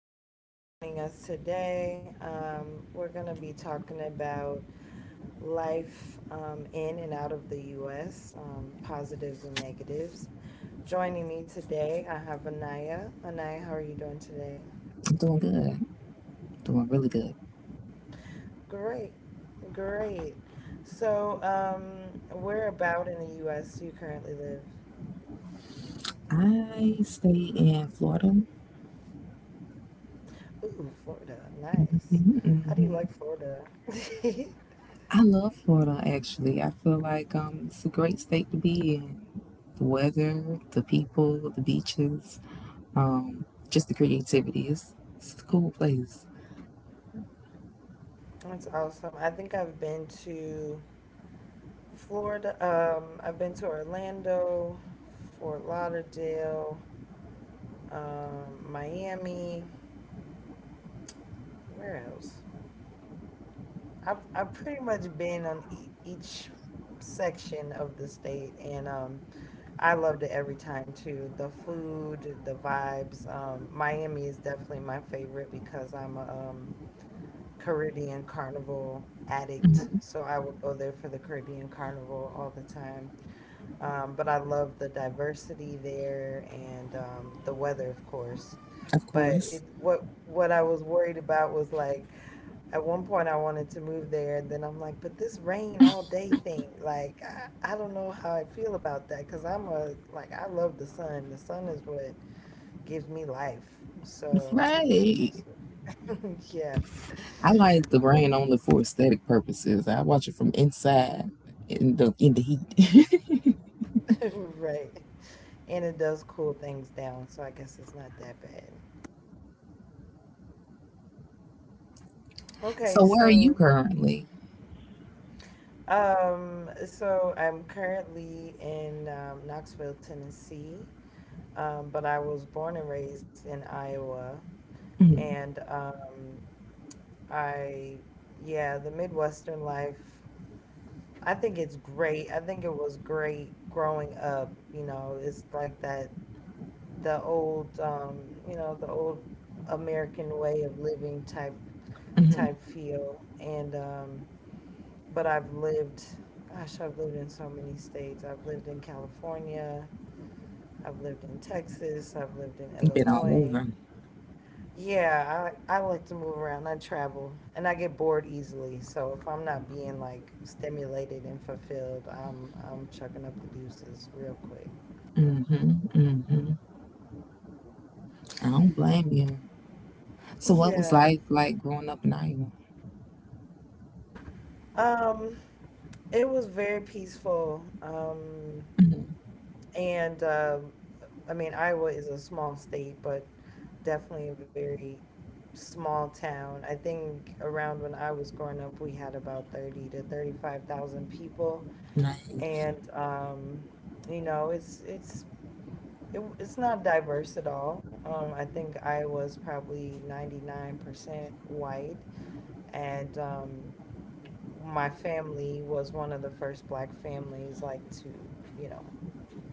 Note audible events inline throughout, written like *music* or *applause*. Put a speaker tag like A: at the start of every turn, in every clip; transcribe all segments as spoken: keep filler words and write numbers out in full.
A: thank you for joining us today. Um, we're going to be talking about life um, in and out of the U S, um, positives and negatives. Joining me today, I have Anaya. Anaya, how are you doing today?
B: I'm doing good. Doing really good.
A: Great, great. So, um, whereabout in the U S do you currently live?
B: I stay in Florida.
A: Anaya, how do you like Florida?
B: I love Florida actually. I feel like um it's a great state to be in. The weather, the people, the beaches, um, just the creativity. It's, it's a cool place.
A: That's awesome. I think I've been to Florida, um, I've been to Orlando, Fort Lauderdale, um, Miami. Where else? I've I've pretty much been on e- each section of the state, and um, I loved it every time too. The food, the vibes. Um, Miami is definitely my favorite because I'm a um, Caribbean carnival addict, so I would go there for the Caribbean carnival all the time. Um, but I love the diversity there and um, the weather, of course.
B: Of
A: But
B: course.
A: it, what what I was worried about was like at one point I wanted to move there, and then I'm like, but this rain all day thing, like I, I don't know how I feel about that because I'm a like I love the sun. The sun is what gives me life. So,
B: Right.
A: *laughs* yeah,
B: I like the rain only for aesthetic purposes. I watch it from inside in the in the heat.
A: *laughs* right. And it does cool things down, so I guess it's not that bad.
B: *laughs*
A: Okay,
B: So where are you
A: so
B: currently?
A: Um, so I'm currently in um, Knoxville, Tennessee, um, but I was born and raised in Iowa. And um, I, yeah, the Midwestern life, I think it's great. I think it was great growing up. You know, it's like that, the old, um, you know, the old American way of living type
B: Mm-hmm.
A: type feel. And um, But I've lived, gosh, I've lived in so many states. I've lived in California. I've lived in Texas. I've lived in
B: Been all
A: Illinois.
B: over.
A: Yeah, I, I like to move around. I travel and I get bored easily. So if I'm not being like stimulated and fulfilled, I'm I'm chucking up the deuces real quick.
B: Mm-hmm. Mm-hmm. I don't blame you. So, what was
A: Yeah.
B: life like growing up in Iowa?
A: Um, it was very peaceful. Um,
B: Mhm.
A: and um I mean, Iowa is a small state, but definitely a very small town. I think around when I was growing up, we had about thirty to thirty-five thousand people.
B: Nice.
A: And um You know, it's it's it, it's not diverse at all. Um I think I was probably ninety-nine percent white, and um my family was one of the first black families like to, you know,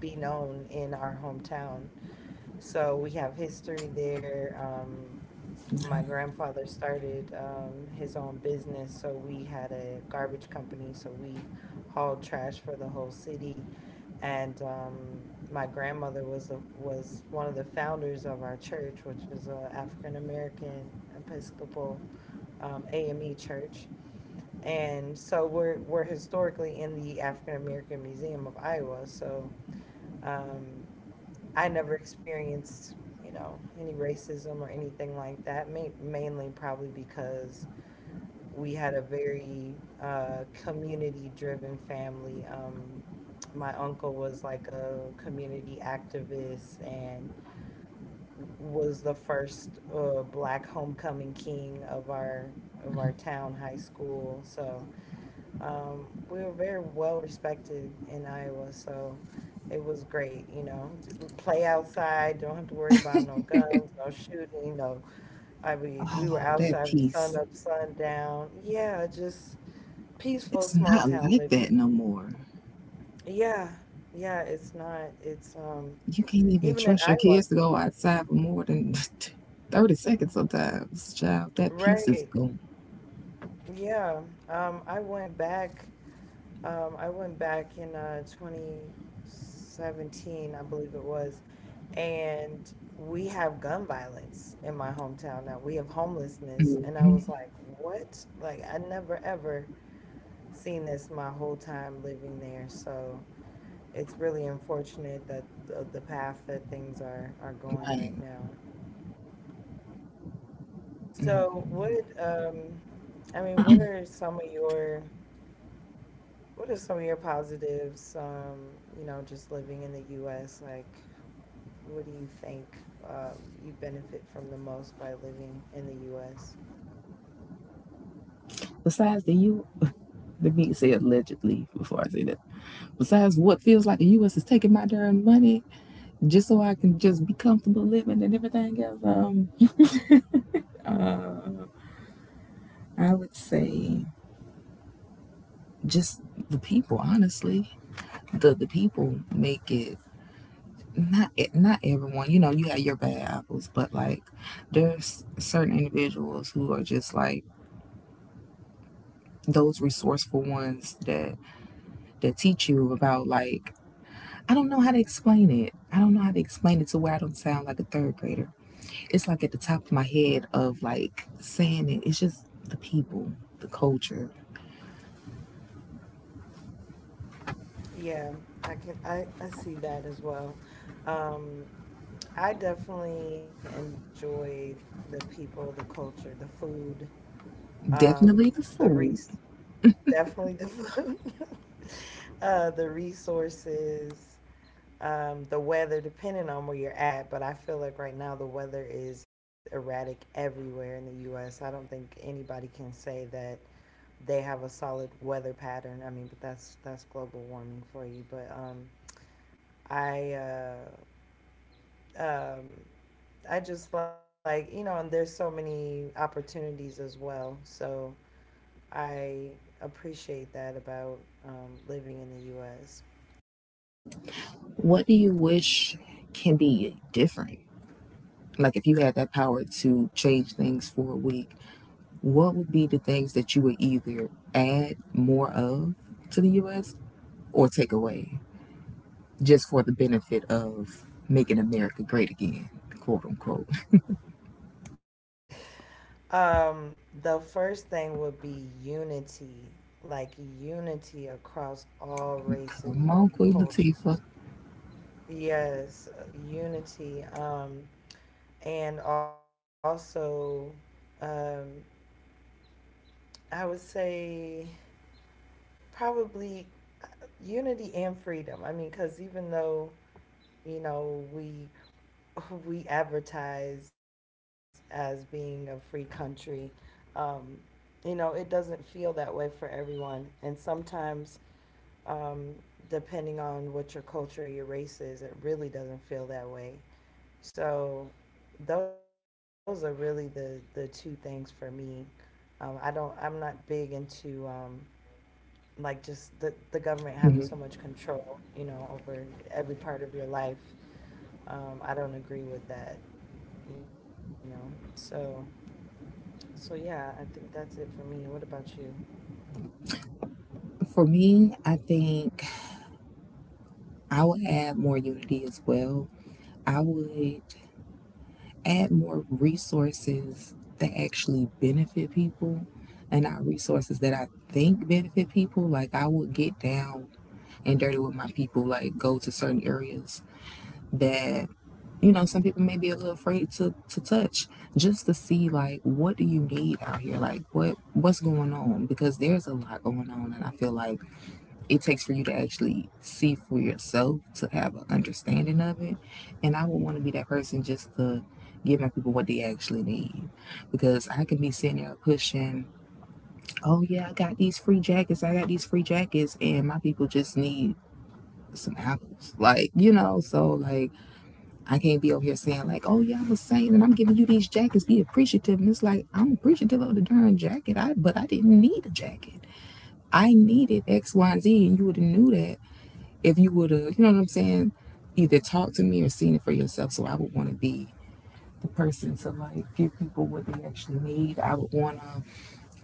A: be known in our hometown. So we have history there. Um, my grandfather started um, his own business, so we had a garbage company, so we hauled trash for the whole city. And um, my grandmother was the was one of the founders of our church, which is a African American Episcopal, um, A M E church. And so we're we're historically in the African American Museum of Iowa. So um, I never experienced, you know, any racism or anything like that. Ma- mainly probably because we had a very uh, community-driven family. Um, my uncle was like a community activist and was the first uh, black homecoming king of our of our town high school. So um, we were very well respected in Iowa, so it was great. You know, play outside, don't have to worry about no guns, no shooting, no. I mean, we were
B: Oh, that
A: outside from sun
B: peace.
A: up, sun down. Yeah, just peaceful
B: It's
A: small
B: not
A: town
B: like
A: living.
B: that no more.
A: Yeah, yeah, it's not. It's um,
B: You can't even
A: even in
B: trust your
A: Iowa,
B: kids to go outside for more than *laughs* thirty seconds sometimes, child. That peace is
A: right?
B: gone.
A: Yeah, um, I went back. Um, I went back in uh, twenty seventeen, I believe it was, and we have gun violence in my hometown now. We have homelessness. And I was
B: Hmm.
A: like, what? Like, I never ever seen this my whole time living there. So it's really unfortunate that the, the path that things are, are going
B: Right.
A: right now. So what, um, I mean, what are some of your, what are some of your positives, um, you know, just living in the U S? Like, what do you think um, you benefit from the most by living in the U S?
B: Besides the U, let me say allegedly before I say that. Besides what feels like the U S is taking my darn money just so I can just be comfortable living and everything else, um, I would say just the people, honestly. the the people make it, not e- not everyone, you know, you have your bad apples, but like there's certain individuals who are just like those resourceful ones that that teach you about, like, I don't know how to explain it. I don't know how to explain it to where I don't sound like a third grader. It's like at the top of my head of like saying it. It's just the people, the culture.
A: Yeah, I can I, I see that as well. Um, I definitely enjoyed the people, the culture, the food, um,
B: Definitely
A: the
B: the
A: res
B: food.
A: definitely the *laughs* food, uh, the resources, um, the weather, depending on where you're at. But I feel like right now the weather is erratic everywhere in the U S. I don't think anybody can say that they have a solid weather pattern. I mean, but that's that's global warming for you. But um, I uh, um, I just like, you know, and there's so many opportunities as well. So I appreciate that about um, living in the
B: What do you wish can be different? Like, if you had that power to change things for a week, what would be the things that you would either add more of to the U S or take away, just for the benefit of making America great again, quote unquote?
A: U S *laughs* Um, the first thing would be unity, like unity across all
B: *laughs*
A: races,
B: Come on,
A: all
B: Queen Latifah.
A: cultures. Yes, unity. Um, and also, um, I would say probably uh, unity and freedom. I mean, because even though, you know, we *laughs* we advertise as being a free country, um, you know, it doesn't feel that way for everyone, and sometimes. Um, depending on what your culture, your race is, it really doesn't feel that way. So those are really the the two things for me. Um, I don't. I'm not big into um, like just the the government having so much control, you know, over every part of your life. Um, I don't agree with that, you know. So so yeah, I think that's it for me. What about you?
B: For me, I think I would add more unity as well. I would add more resources that actually benefit people and not resources that I think benefit people. Like, I would get down and dirty with my people, like go to certain areas that, you know, some people may be a little afraid to to touch, just to see like, what do you need out here? Like, what what's going on? Because there's a lot going on, and I feel like it takes for you to actually see for yourself to have an understanding of it. And I would want to be that person, just to give my people what they actually need. Because I can be sitting there pushing, oh yeah, I got these free jackets, I got these free jackets, and my people just need some apples. Like, you know, so like, I can't be over here saying like, oh yeah, I'm a saint and I'm giving you these jackets, be appreciative. And it's like, I'm appreciative of the darn jacket, I but I didn't need a jacket. I needed X, Y, Z, and and you would have knew that if you would have, you know what I'm saying, either talked to me or seen it for yourself. So I would want to be the person to like give people what they actually need. I would want to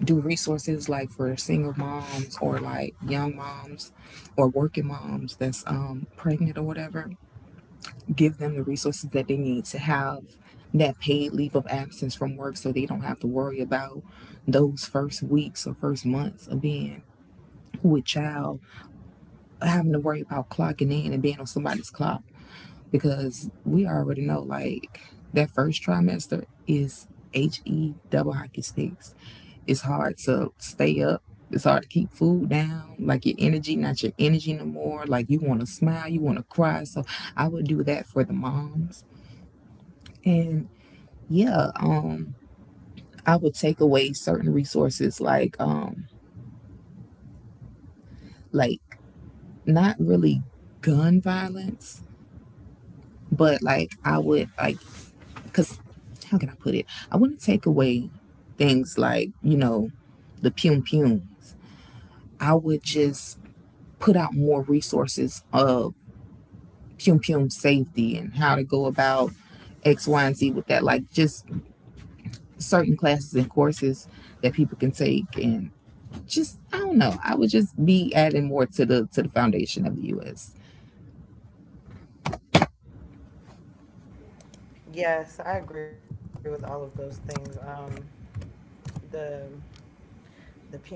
B: do resources like for single moms, or like young moms or working moms that's um, pregnant or whatever. Give them the resources that they need to have that paid leave of absence from work, so they don't have to worry about those first weeks or first months of being with child, having to worry about clocking in and being on somebody's clock. Because we already know, like, that first trimester is he double hockey sticks. It's hard to stay up, it's hard to keep food down, like your energy, not your energy no more, like you want to smile, you want to cry. So I would do that for the moms. And yeah, um I would take away certain resources, like um like not really gun violence, but like I would like, because how can I put it? I wouldn't take away things like, you know, the Pum Pums. I would just put out more resources of Pum Pum safety and how to go about X, Y, and Z with that. Like just certain classes and courses that people can take, and just I don't know. I would just be adding more to the to the foundation of the U S.
A: Yes, I agree with all of those things. Um, the the pium pium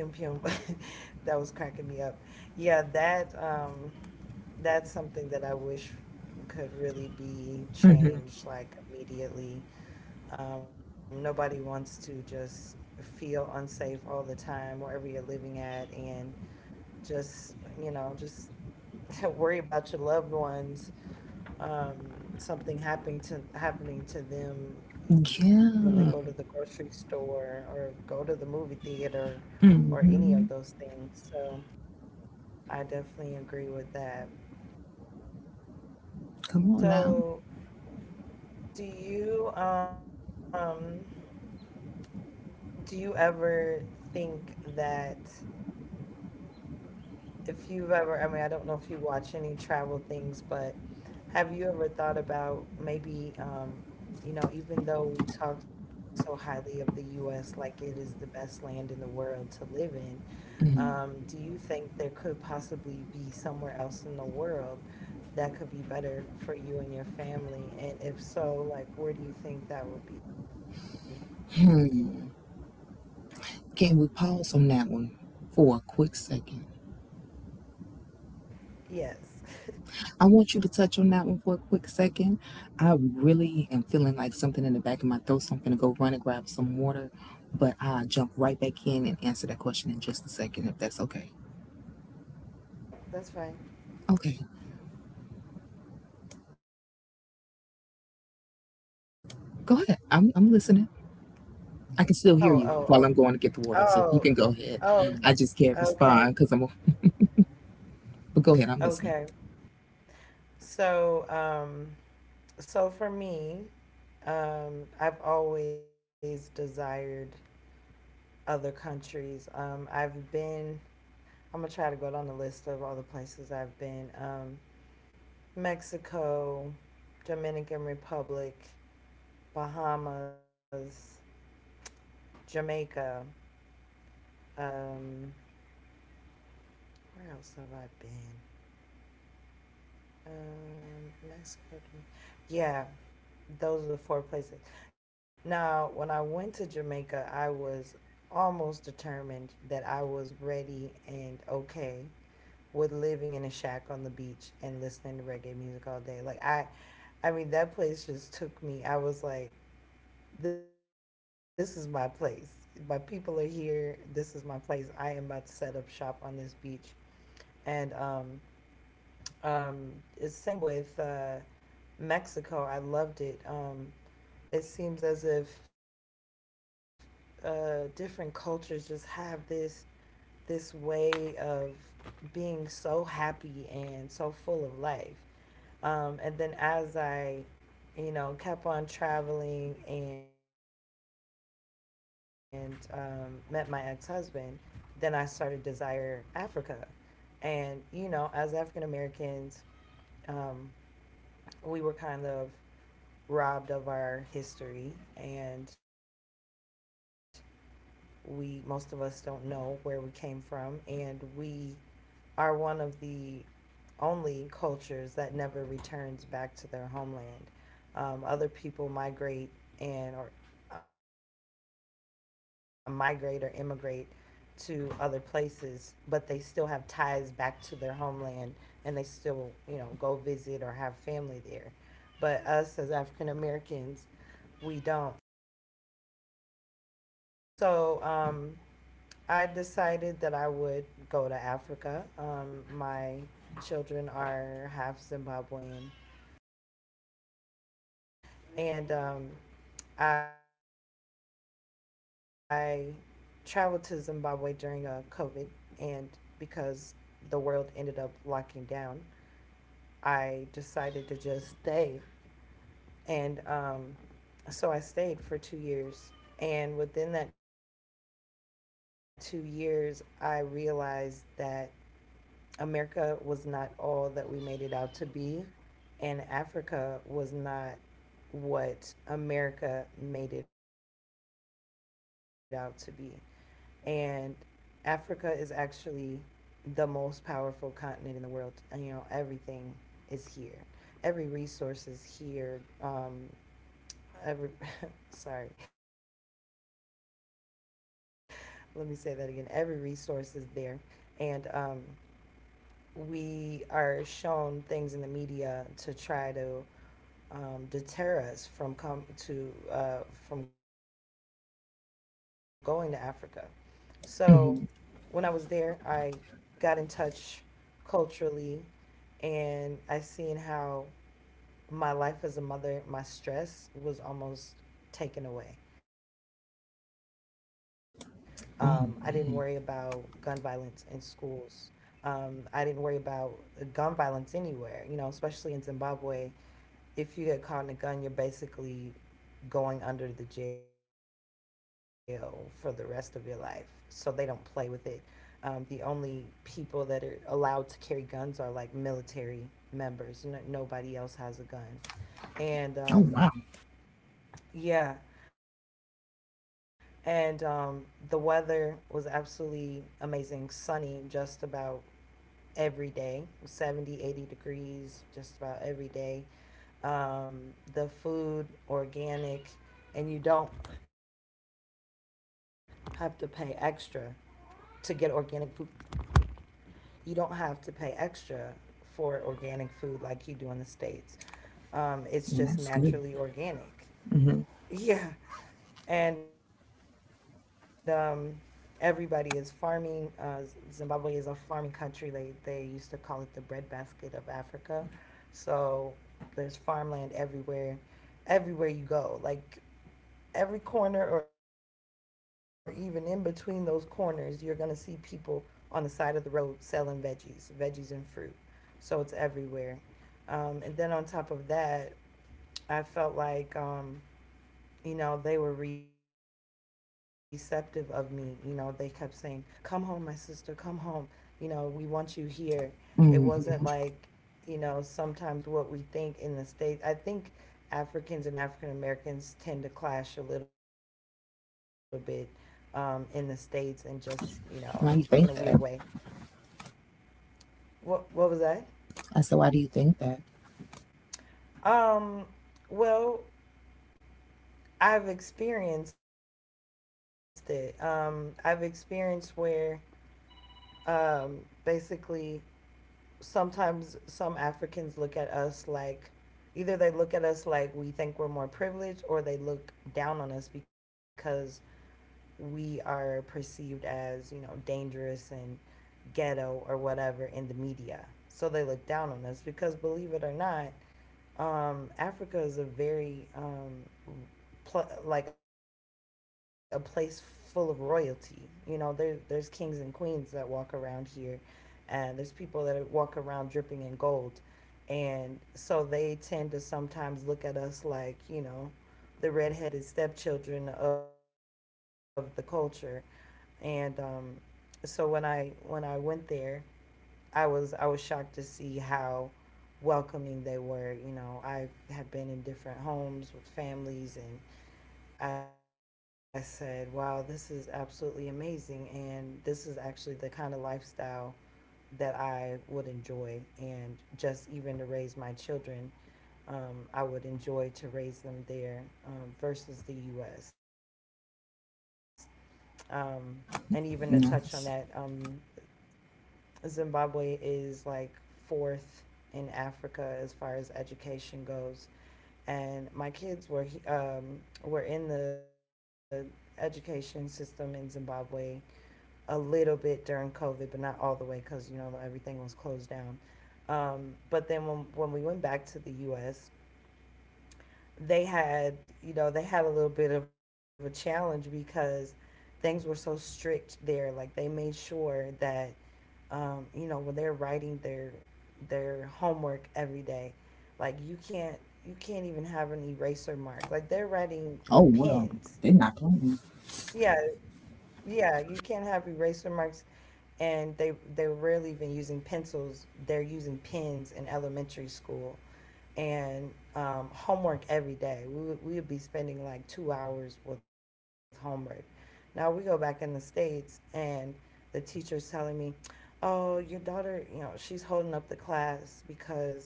A: *laughs* that was cracking me up. Yeah, that um, that's something that I wish could really be changed like immediately. Um, nobody wants to just feel unsafe all the time wherever you're living at and just, you know, just *laughs* worry about your loved ones, um, something happening to happening to them when they go to the
B: Yeah.
A: grocery store or go to the movie theater or any of
B: Hmm.
A: those things. So I definitely agree with that.
B: Come on now.
A: So do you um do you ever think that, if you've ever, I mean, I don't know if you watch any travel things, but have you ever thought about maybe, um, you know, even though we talk so highly of the U S, like it is the best land in the world to live in,
B: Hmm.
A: um, do you think there could possibly be somewhere else in the world that could be better for you and your family? And if so, like, where do you think that would be?
B: Can we pause on that one for a quick second?
A: Yes. *laughs*
B: I want you to touch on that one for a quick second. I really am feeling like something in the back of my throat, so I'm going to go run and grab some water, but I'll jump right back in and answer that question in just a second, if that's okay.
A: Yep, that's fine.
B: Okay, go ahead. I'm, I'm listening. I can still hear
A: Oh,
B: you while
A: oh,
B: I'm going to get the
A: oh,
B: water, so you
A: oh,
B: can go ahead.
A: oh,
B: Mm.
A: okay,
B: I just can't
A: okay,
B: respond because I'm, *laughs* but go ahead, I'm listening.
A: okay. So, um, so for me, um, I've always desired other countries. Um, I've been. I'm gonna try to go down the list of all the places I've been. Um, Mexico, Dominican Republic, Bahamas, Jamaica. Um, where else have I been? Um, Mexico. Dom- Yeah, those are the four places. Now, when I went to Jamaica, I was almost determined that I was ready and okay with living in a shack on the beach and listening to reggae music all day. Like I I mean that place just took me. I was like, this is my place. My people are here. This is my place. I am about to set up shop on this beach. And um um it's same with uh Mexico. I loved it. Um it seems as if uh, different cultures just have this this way of being so happy and so full of life. Um, and then as I, you know, kept on traveling and um, met my ex husband, then I started Desire Africa. And, you know, as African Americans, um, we were kind of robbed of our history, and we, most of us, don't know where we came from, and we are one of the only cultures that never returns back to their homeland. Um, other people migrate and or uh, migrate or immigrate to other places, but they still have ties back to their homeland, and they still, you know, go visit or have family there. But us as African Americans, we don't. So um, I decided that I would go to Africa. Um, my children are half Zimbabwean, and um, I traveled to Zimbabwe during uh, COVID, and because the world ended up locking down, I decided to just stay. And um, so I stayed for two years. And within that two years, I realized that America was not all that we made it out to be, and Africa was not what America made it out to be. And Africa is actually the most powerful continent in the world. And, you know, everything is here. Every resource is here. Um, every, *laughs* sorry, let me say that again. Every resource is there. And um, we are shown things in the media to try to um, deter us from come to uh, from going to Africa. So when I was there,
B: Hmm.
A: I got in touch culturally, and I seen how my life as a mother, my stress was almost taken away. Um, I didn't worry about gun violence
B: Oh,
A: in
B: man.
A: schools. Um, I didn't worry about gun violence anywhere, you know, especially in Zimbabwe. If you get caught in a gun, you're basically going under the jail for the rest of your life. So they don't play with it. Um, the only people that are allowed to carry guns are like military members. No, nobody else has a gun. And um,
B: Oh, wow.
A: yeah, and um, the weather was absolutely amazing, sunny just about every day, seventy, eighty degrees just about every day. Um, the food organic, and you don't have to pay extra to get organic food. You don't have to pay extra for organic food like you do in the states. Um, it's just naturally
B: Well, that's good.
A: organic. *laughs* Yeah, and um, everybody is farming. Uh, Zimbabwe is a farming country. They they used to call it the breadbasket of Africa. So there's farmland everywhere, everywhere you go. Like every corner, or even in between those corners, you're gonna see people on the side of the road selling veggies, veggies and fruit. So it's everywhere. Um, and then on top of that, I felt like um, you know, they were receptive of me. You know, they kept saying, "Come home, my sister. Come home. You know, we want you here." It wasn't
B: Hmm.
A: like, you know, sometimes what we think in the states. I think Africans and African Americans tend to clash a little bit um, in the states, and just you know, in a weird
B: Why do you
A: way.
B: think that?
A: What What was that?
B: I said, why do you think that?
A: Um, well, I've experienced it. Um, I've experienced where um, basically sometimes some Africans look at us like either they look at us like we think we're more privileged, or they look down on us because we are perceived as, you know, dangerous and ghetto or whatever in the media. So they look down on us because, believe it or not, um, Africa is a very um, pl- like a place full of royalty. You know, there there's kings and queens that walk around here, and there's people that walk around dripping in gold, and so they tend to sometimes look at us like, you know, the redheaded stepchildren of the culture, and um, so when I when I went there, I was I was shocked to see how welcoming they were. You know, I have been in different homes with families, and I said, wow, this is absolutely amazing. And this is actually the kind of lifestyle that I would enjoy. And just even to raise my children, um, I would enjoy to raise them there um, versus the U S. Um, and even to touch on that, um,
B: And I was,
A: Zimbabwe is like fourth in Africa as far as education goes. And my kids were um, were in the education system in Zimbabwe a little bit during COVID, but not all the way because you know everything was closed down. Um, but then when when we went back to the U S, they had, you know, they had a little bit of a challenge because things were so strict there. Like they made sure that um, you know, when they're writing their their homework every day, like you can't you can't even have an eraser mark. Like they're writing
B: oh,
A: with
B: well,
A: pens.
B: they're not playing.
A: Yeah, yeah, you can't have eraser marks, and they they're rarely even using pencils. They're using pens in elementary school, and um, homework every day. We would, we would be spending like two hours with homework. Now we go back in the States, and the teacher's telling me, "Oh, your daughter, you know, she's holding up the class because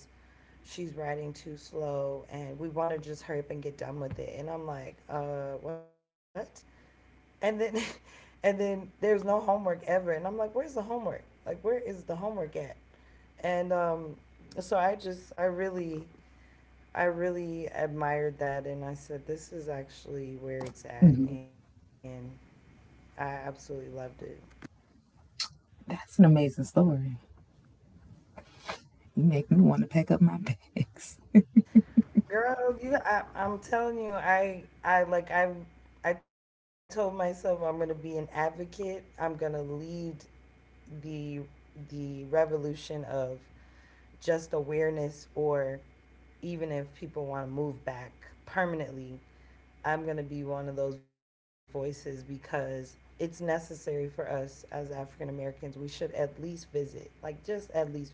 A: she's writing too slow, and we want to just hurry up and get done with it." And I'm like, Uh, what?" And then. *laughs* And then there's no homework ever. And I'm like, where's the homework? Like, where is the homework at? And um, So I just, I really, I really admired that, and I said, "This is actually where it's at."
B: Mhm.
A: And I absolutely loved it.
B: That's an amazing story. You make me want to pack up my bags.
A: Girl, you, I, I'm telling you, I, I like, I, I told myself I'm gonna be an advocate. I'm gonna lead the the revolution of just awareness, or even if people want to move back permanently, I'm going to be one of those voices because it's necessary for us as African Americans. We should at least visit, like just at least visit.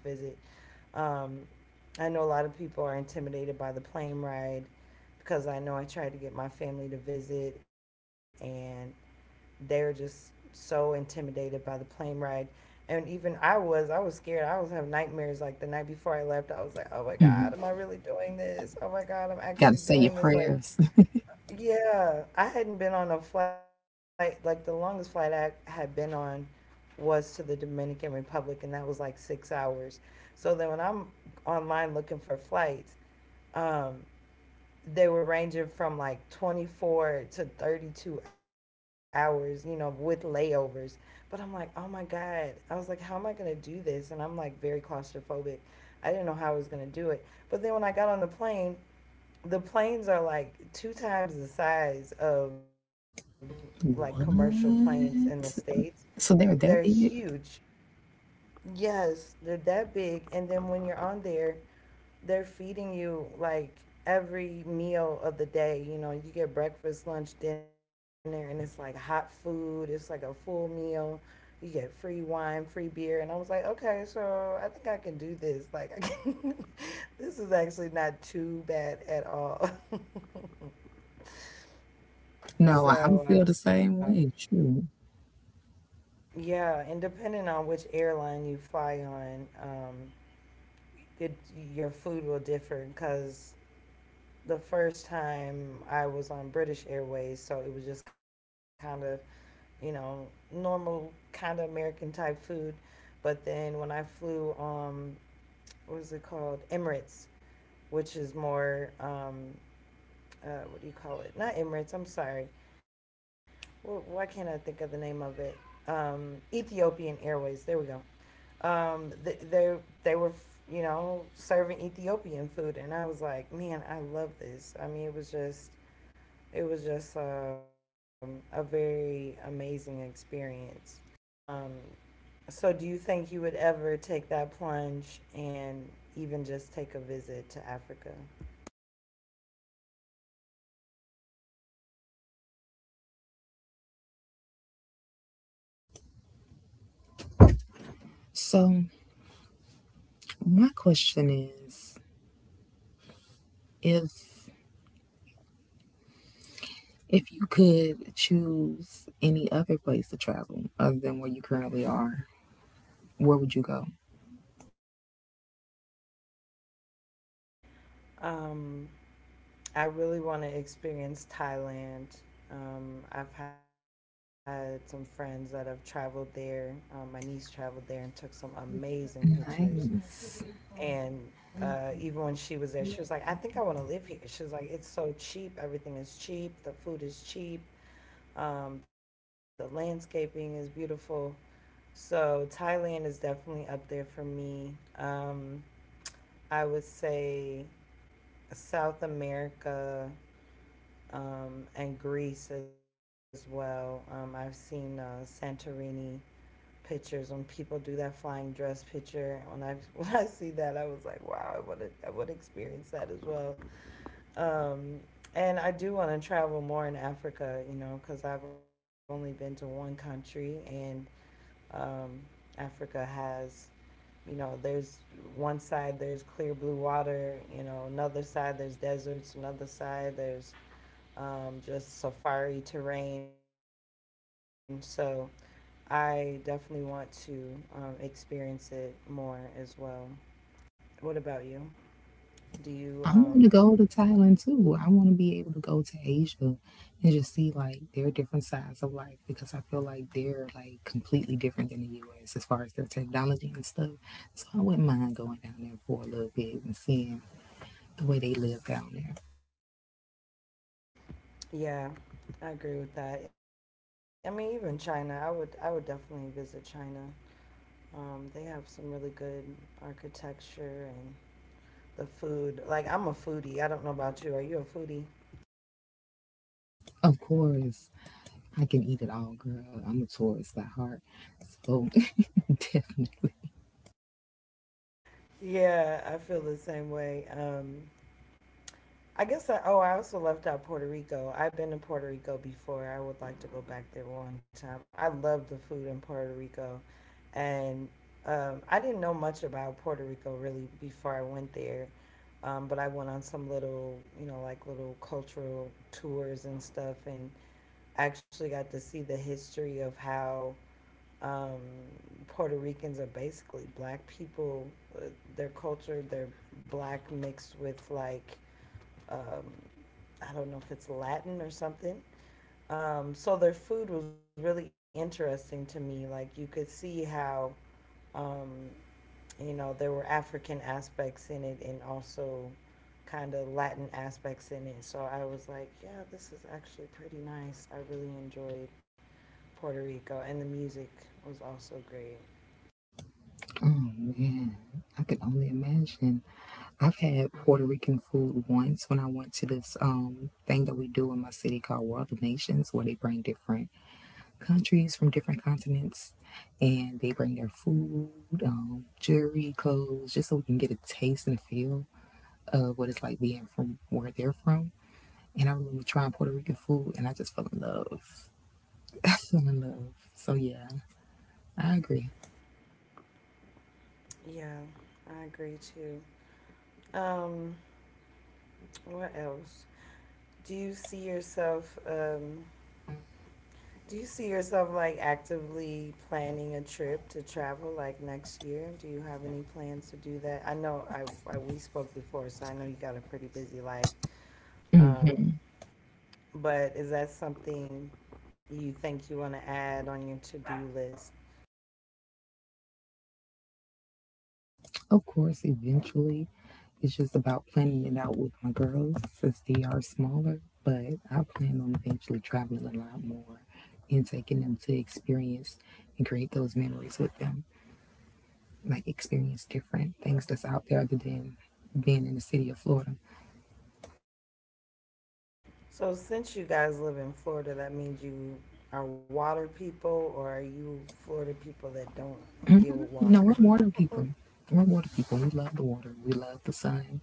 A: Um, I know a lot of people are intimidated by the plane ride, because I know I tried to get my family to visit, and they're just so intimidated by the plane ride. And even I was, I was scared. I was having nightmares. Like the night before I left, I was like, oh my God,
B: Mhm.
A: am I really doing this? Oh my God, I'm
B: Gotta
A: actually
B: say your
A: doing this. Like,
B: prayers. *laughs*
A: yeah, I hadn't been on a flight. Like the longest flight I had been on was to the Dominican Republic, and that was like six hours. So then when I'm online looking for flights, um, they were ranging from like twenty-four to thirty-two hours, you know, with layovers. But I'm like, oh my God. I was like, how am I going to do this? And I'm like very claustrophobic. I didn't know how I was going to do it. But then when I got on the plane, the planes are like two times the size of like commercial planes in the States.
B: What?
A: They're
B: So they're that
A: huge.
B: big?
A: Yes, they're that big. And then when you're on there, they're feeding you like every meal of the day. You know, you get breakfast, lunch, dinner, and it's like hot food. It's like a full meal. You get free wine, free beer. And I was like, okay, so I think I can do this. Like, I can, *laughs* this is actually not too bad at all. *laughs*
B: No, I
A: So,
B: would
A: uh,
B: feel the same way. True.
A: yeah, and depending on which airline you fly on, um, it, your food will differ because the first time I was on British Airways, so it was just kind of, you know, normal kind of American type food. But then when I flew, um, what is it called? Emirates, which is more, um, uh, what do you call it? Not Emirates, I'm sorry. Wh- Why can't I think of the name of it? Um, Ethiopian Airways, there we go. Um, they they they were, you know, serving Ethiopian food, and I was like, man, I love this. I mean, it was just it was just um, a very amazing experience. Um, so, do you think you would ever take that plunge and even just take a visit to Africa?
B: So my question is, if if you could choose any other place to travel other than where you currently are, where would you go?
A: Um, I really want to experience Thailand. Um, I've had some friends that have traveled there. Um, my niece traveled there and took some amazing pictures.
B: Nice.
A: And uh, even when she was there, she was like, I think I want to live here. She was like, it's so cheap. Everything is cheap. The food is cheap. Um, the landscaping is beautiful. So Thailand is definitely up there for me. Um, I would say South America um, and Greece as well. Um, I've seen uh, Santorini pictures when people do that flying dress picture. When I *laughs* when I see that, I was like, wow, I would I would experience that as well. Um, and I do want to travel more in Africa, you know, because I've only been to one country, and um, Africa has, you know, there's one side there's clear blue water, you know, another side there's deserts, another side there's um, just safari terrain. So I definitely want to um, experience it more as well. What about you? Do you?
B: I
A: Um,
B: want to go to Thailand too. I want to be able to go to Asia and just see like their different sides of life, because I feel like they're like completely different than the U S as far as their technology and stuff. So I wouldn't mind going down there for a little bit and seeing the way they live down there.
A: yeah, I agree with that. I mean, even China, I would I would definitely visit China. Um, they have some really good architecture and the food. Like I'm a foodie. I don't know about you. Are you a foodie?
B: Of course, I can eat it all, girl. I'm a tourist by heart. So *laughs* definitely.
A: Yeah, I feel the same way. Um, I guess I oh, I also left out Puerto Rico. I've been to Puerto Rico before. I would like to go back there one time. I love the food in Puerto Rico, and um, I didn't know much about Puerto Rico really before I went there. Um, but I went on some little, you know, like little cultural tours and stuff, and actually got to see the history of how um, Puerto Ricans are basically black people. uh, their culture, they're black mixed with like um, I don't know if it's Latin or something. Um, so their food was really interesting to me. Like you could see how um, you know there were African aspects in it, and also kind of Latin aspects in it. So I was like, yeah, this is actually pretty nice. I really enjoyed Puerto Rico, and the music was also great.
B: Oh man, I can only imagine. I've had Puerto Rican food once when I went to this um thing that we do in my city called World of Nations, where they bring different countries from different continents, and they bring their food, um, jewelry, clothes, just so we can get a taste and a feel of what it's like being from where they're from. And I remember trying Puerto Rican food, and I just fell in love. *laughs* I fell in love. So yeah, I agree.
A: Yeah, I agree too. Um, what else? Do you see yourself um, do you see yourself like actively planning a trip to travel like next year? Do you have any plans to do that? I know I, I we spoke before, so I know you got a pretty busy life. Um, but is that something you think you want to add on your to-do list?
B: Of course, eventually, it's just about planning it out with my girls since they are smaller. But I plan on eventually traveling a lot more and taking them to experience and create those memories with them. Like, experience different things that's out there other than being in the city of Florida.
A: So since you guys live in Florida, that means you are water people, or are you Florida people that don't deal with
B: You know,
A: water?
B: we're
A: *laughs*
B: water people. We're water people. We love the water. We love the sun.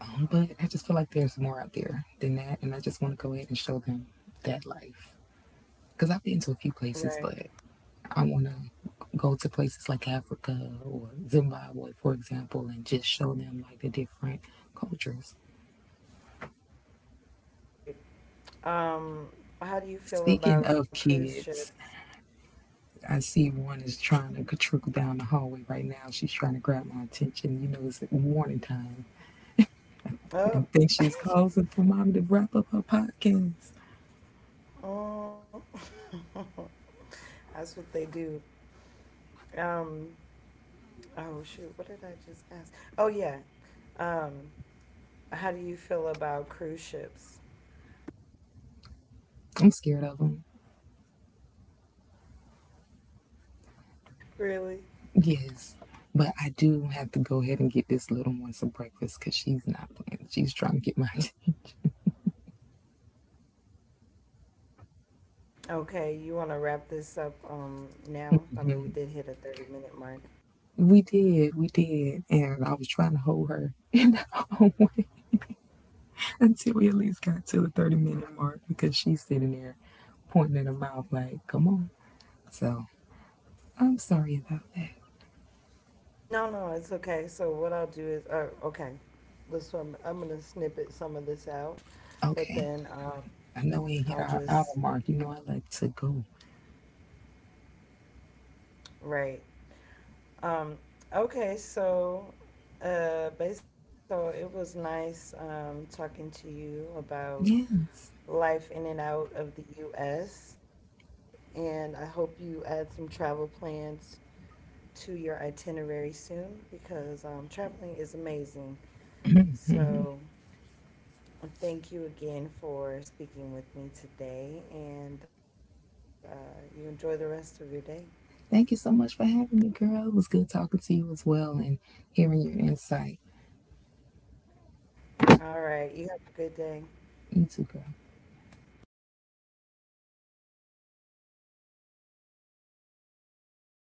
B: Um, but I just feel like there's more out there than that. And I just want to go ahead and show them that life. Because I've been to a few places,
A: Right,
B: but I want to go to places like Africa or Zimbabwe, for example, and just show them like the different cultures.
A: right. Um, how do you feel
B: Speaking
A: about
B: of
A: cruise ships?
B: kids, I see one is trying to trickle down the hallway right now. She's trying to grab my attention. You know, it's morning time. And
A: Oh.
B: I think she's calling for mommy to wrap up her podcast.
A: Oh, *laughs* that's what they do. Um, oh shoot, what did I just ask? Oh yeah. Um, how do you feel about cruise ships?
B: I'm scared of them.
A: Really?
B: Yes. But I do have to go ahead and get this little one some breakfast, because she's not playing. She's trying to get my *laughs* attention.
A: Okay, you want to wrap this up um now? I
B: Mm-hmm.
A: mean, we did hit a thirty minute mark.
B: We did, we did. And I was trying to hold her *laughs* in the hallway until we at least got to the thirty minute mark, because she's sitting there pointing at her mouth like, come on. So I'm sorry about that.
A: No, no, it's okay. So what I'll do is, uh, okay, this one I'm gonna snippet some of this out, but
B: Okay.
A: then um,
B: I know we hit
A: I'll
B: our hour
A: just
B: mark. You know I like to go.
A: right. Um, okay, so uh, basically, so it was nice um, talking to you about
B: Yes.
A: life in and out of the U S, and I hope you add some travel plans to your itinerary soon because um, traveling is amazing. So, thank you again for speaking with me today, and uh, you enjoy the rest of your day.
B: Thank you so much for having me, girl. It was good talking to you as well, and hearing your insight.
A: All right, you have a good
B: You
A: day.
B: too, girl.